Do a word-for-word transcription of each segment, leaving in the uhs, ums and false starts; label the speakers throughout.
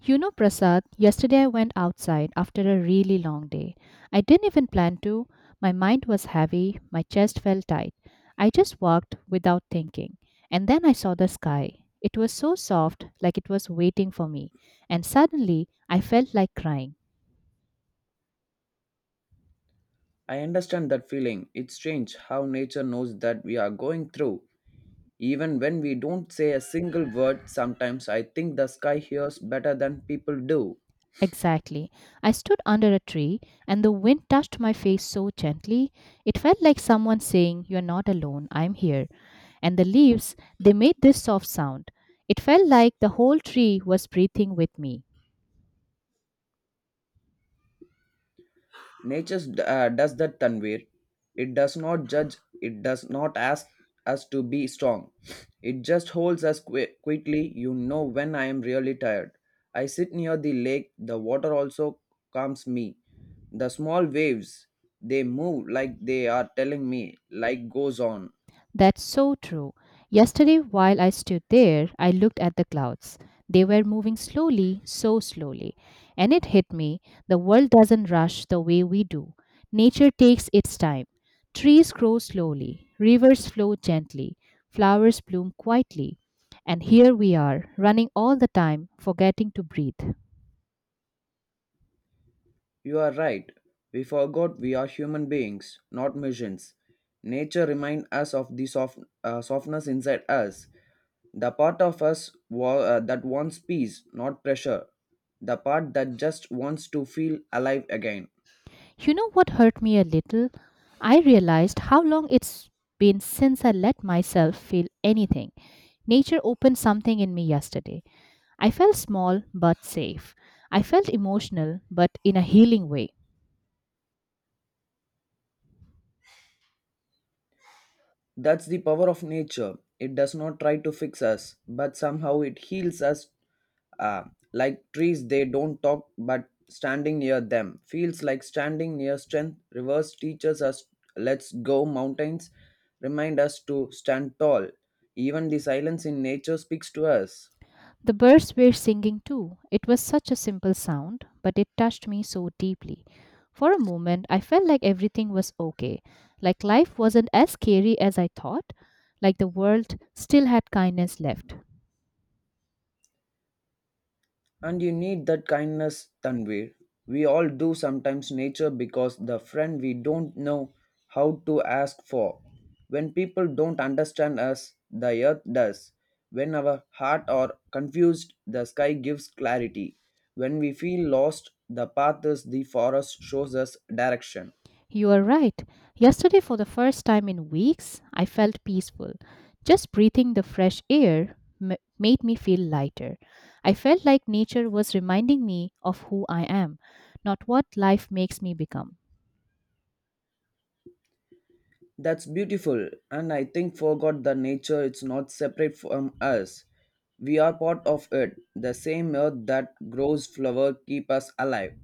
Speaker 1: You know, Prasad, yesterday I went outside after a really long day. I didn't even plan to. My mind was heavy, my chest felt tight. I just walked without thinking. And then I saw the sky. It was so soft, like it was waiting for me. And suddenly, I felt like crying.
Speaker 2: I understand that feeling. It's strange how nature knows that we are going through. Even when we don't say a single word, sometimes I think the sky hears better than people do.
Speaker 1: Exactly. I stood under a tree and the wind touched my face so gently. It felt like someone saying, "You're not alone, I'm here." And the leaves, they made this soft sound. It felt like the whole tree was breathing with me.
Speaker 2: Nature uh, does that, Tanvir. It does not judge, it does not ask us to be strong. It just holds us qui- quietly. You know when I am really tired. I sit near the lake, the water also calms me. The small waves, they move like they are telling me, like goes on.
Speaker 1: That's so true. Yesterday, while I stood there, I looked at the clouds. They were moving slowly, so slowly. And it hit me, the world doesn't rush the way we do. Nature takes its time. Trees grow slowly, rivers flow gently, flowers bloom quietly. And here we are, running all the time, forgetting to breathe.
Speaker 2: You are right. We forgot we are human beings, not machines. Nature reminds us of the soft, uh, softness inside us, the part of us wa- uh, that wants peace, not pressure, the part that just wants to feel alive again.
Speaker 1: You know what hurt me a little? I realized how long it's been since I let myself feel anything. Nature opened something in me yesterday. I felt small but safe. I felt emotional but in a healing way.
Speaker 2: That's the power of nature. It does not try to fix us, but somehow it heals us. Uh, like trees, they don't talk, but standing near them feels like standing near strength. Rivers teaches us, let's go. Mountains remind us to stand tall. Even the silence in nature speaks to us.
Speaker 1: The birds were singing too. It was such a simple sound, but it touched me so deeply. For a moment, I felt like everything was okay, like life wasn't as scary as I thought, like the world still had kindness left.
Speaker 2: And you need that kindness, Tanvir. We all do sometimes nature because the friend we don't know how to ask for. When people don't understand us, the earth does. When our heart are confused, the sky gives clarity. When we feel lost, the path is the forest shows us direction.
Speaker 1: You are right. Yesterday, for the first time in weeks, I felt peaceful. Just breathing the fresh air m- made me feel lighter. I felt like nature was reminding me of who I am, not what life makes me become.
Speaker 2: That's beautiful, and I think forgot the nature it's not separate from us. We are part of it. The same earth that grows flower keep us alive.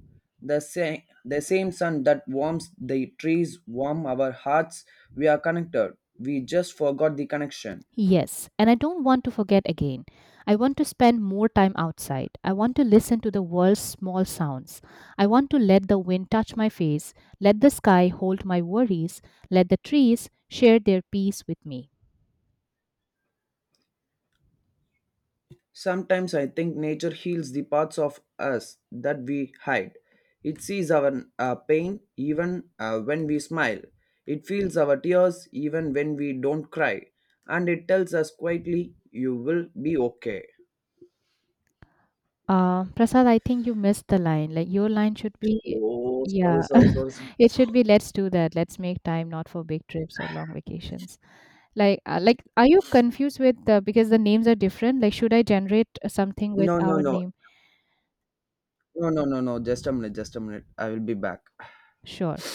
Speaker 2: The same the same sun that warms the trees warm our hearts. We are connected. We just forgot the connection.
Speaker 1: Yes, and I don't want to forget again. I want to spend more time outside. I want to listen to the world's small sounds. I want to let the wind touch my face, let the sky hold my worries, let the trees share their peace with me.
Speaker 2: Sometimes I think nature heals the parts of us that we hide. It sees our uh, pain even uh, when we smile. It feels our tears even when we don't cry. And it tells us quietly, you will be okay.
Speaker 1: Uh, Prasad, I think you missed the line. Like, your line should be,
Speaker 2: Oh,
Speaker 1: yeah,
Speaker 2: sorry, sorry, sorry, sorry.
Speaker 1: it should be, let's do that. Let's make time not for big trips or long vacations. Like, uh, like, are you confused with the, because the names are different? Like, should I generate something with
Speaker 2: No, no,
Speaker 1: our
Speaker 2: no.
Speaker 1: name?
Speaker 2: No, no, no, no. Just a minute. Just a minute. I will be back.
Speaker 1: Sure.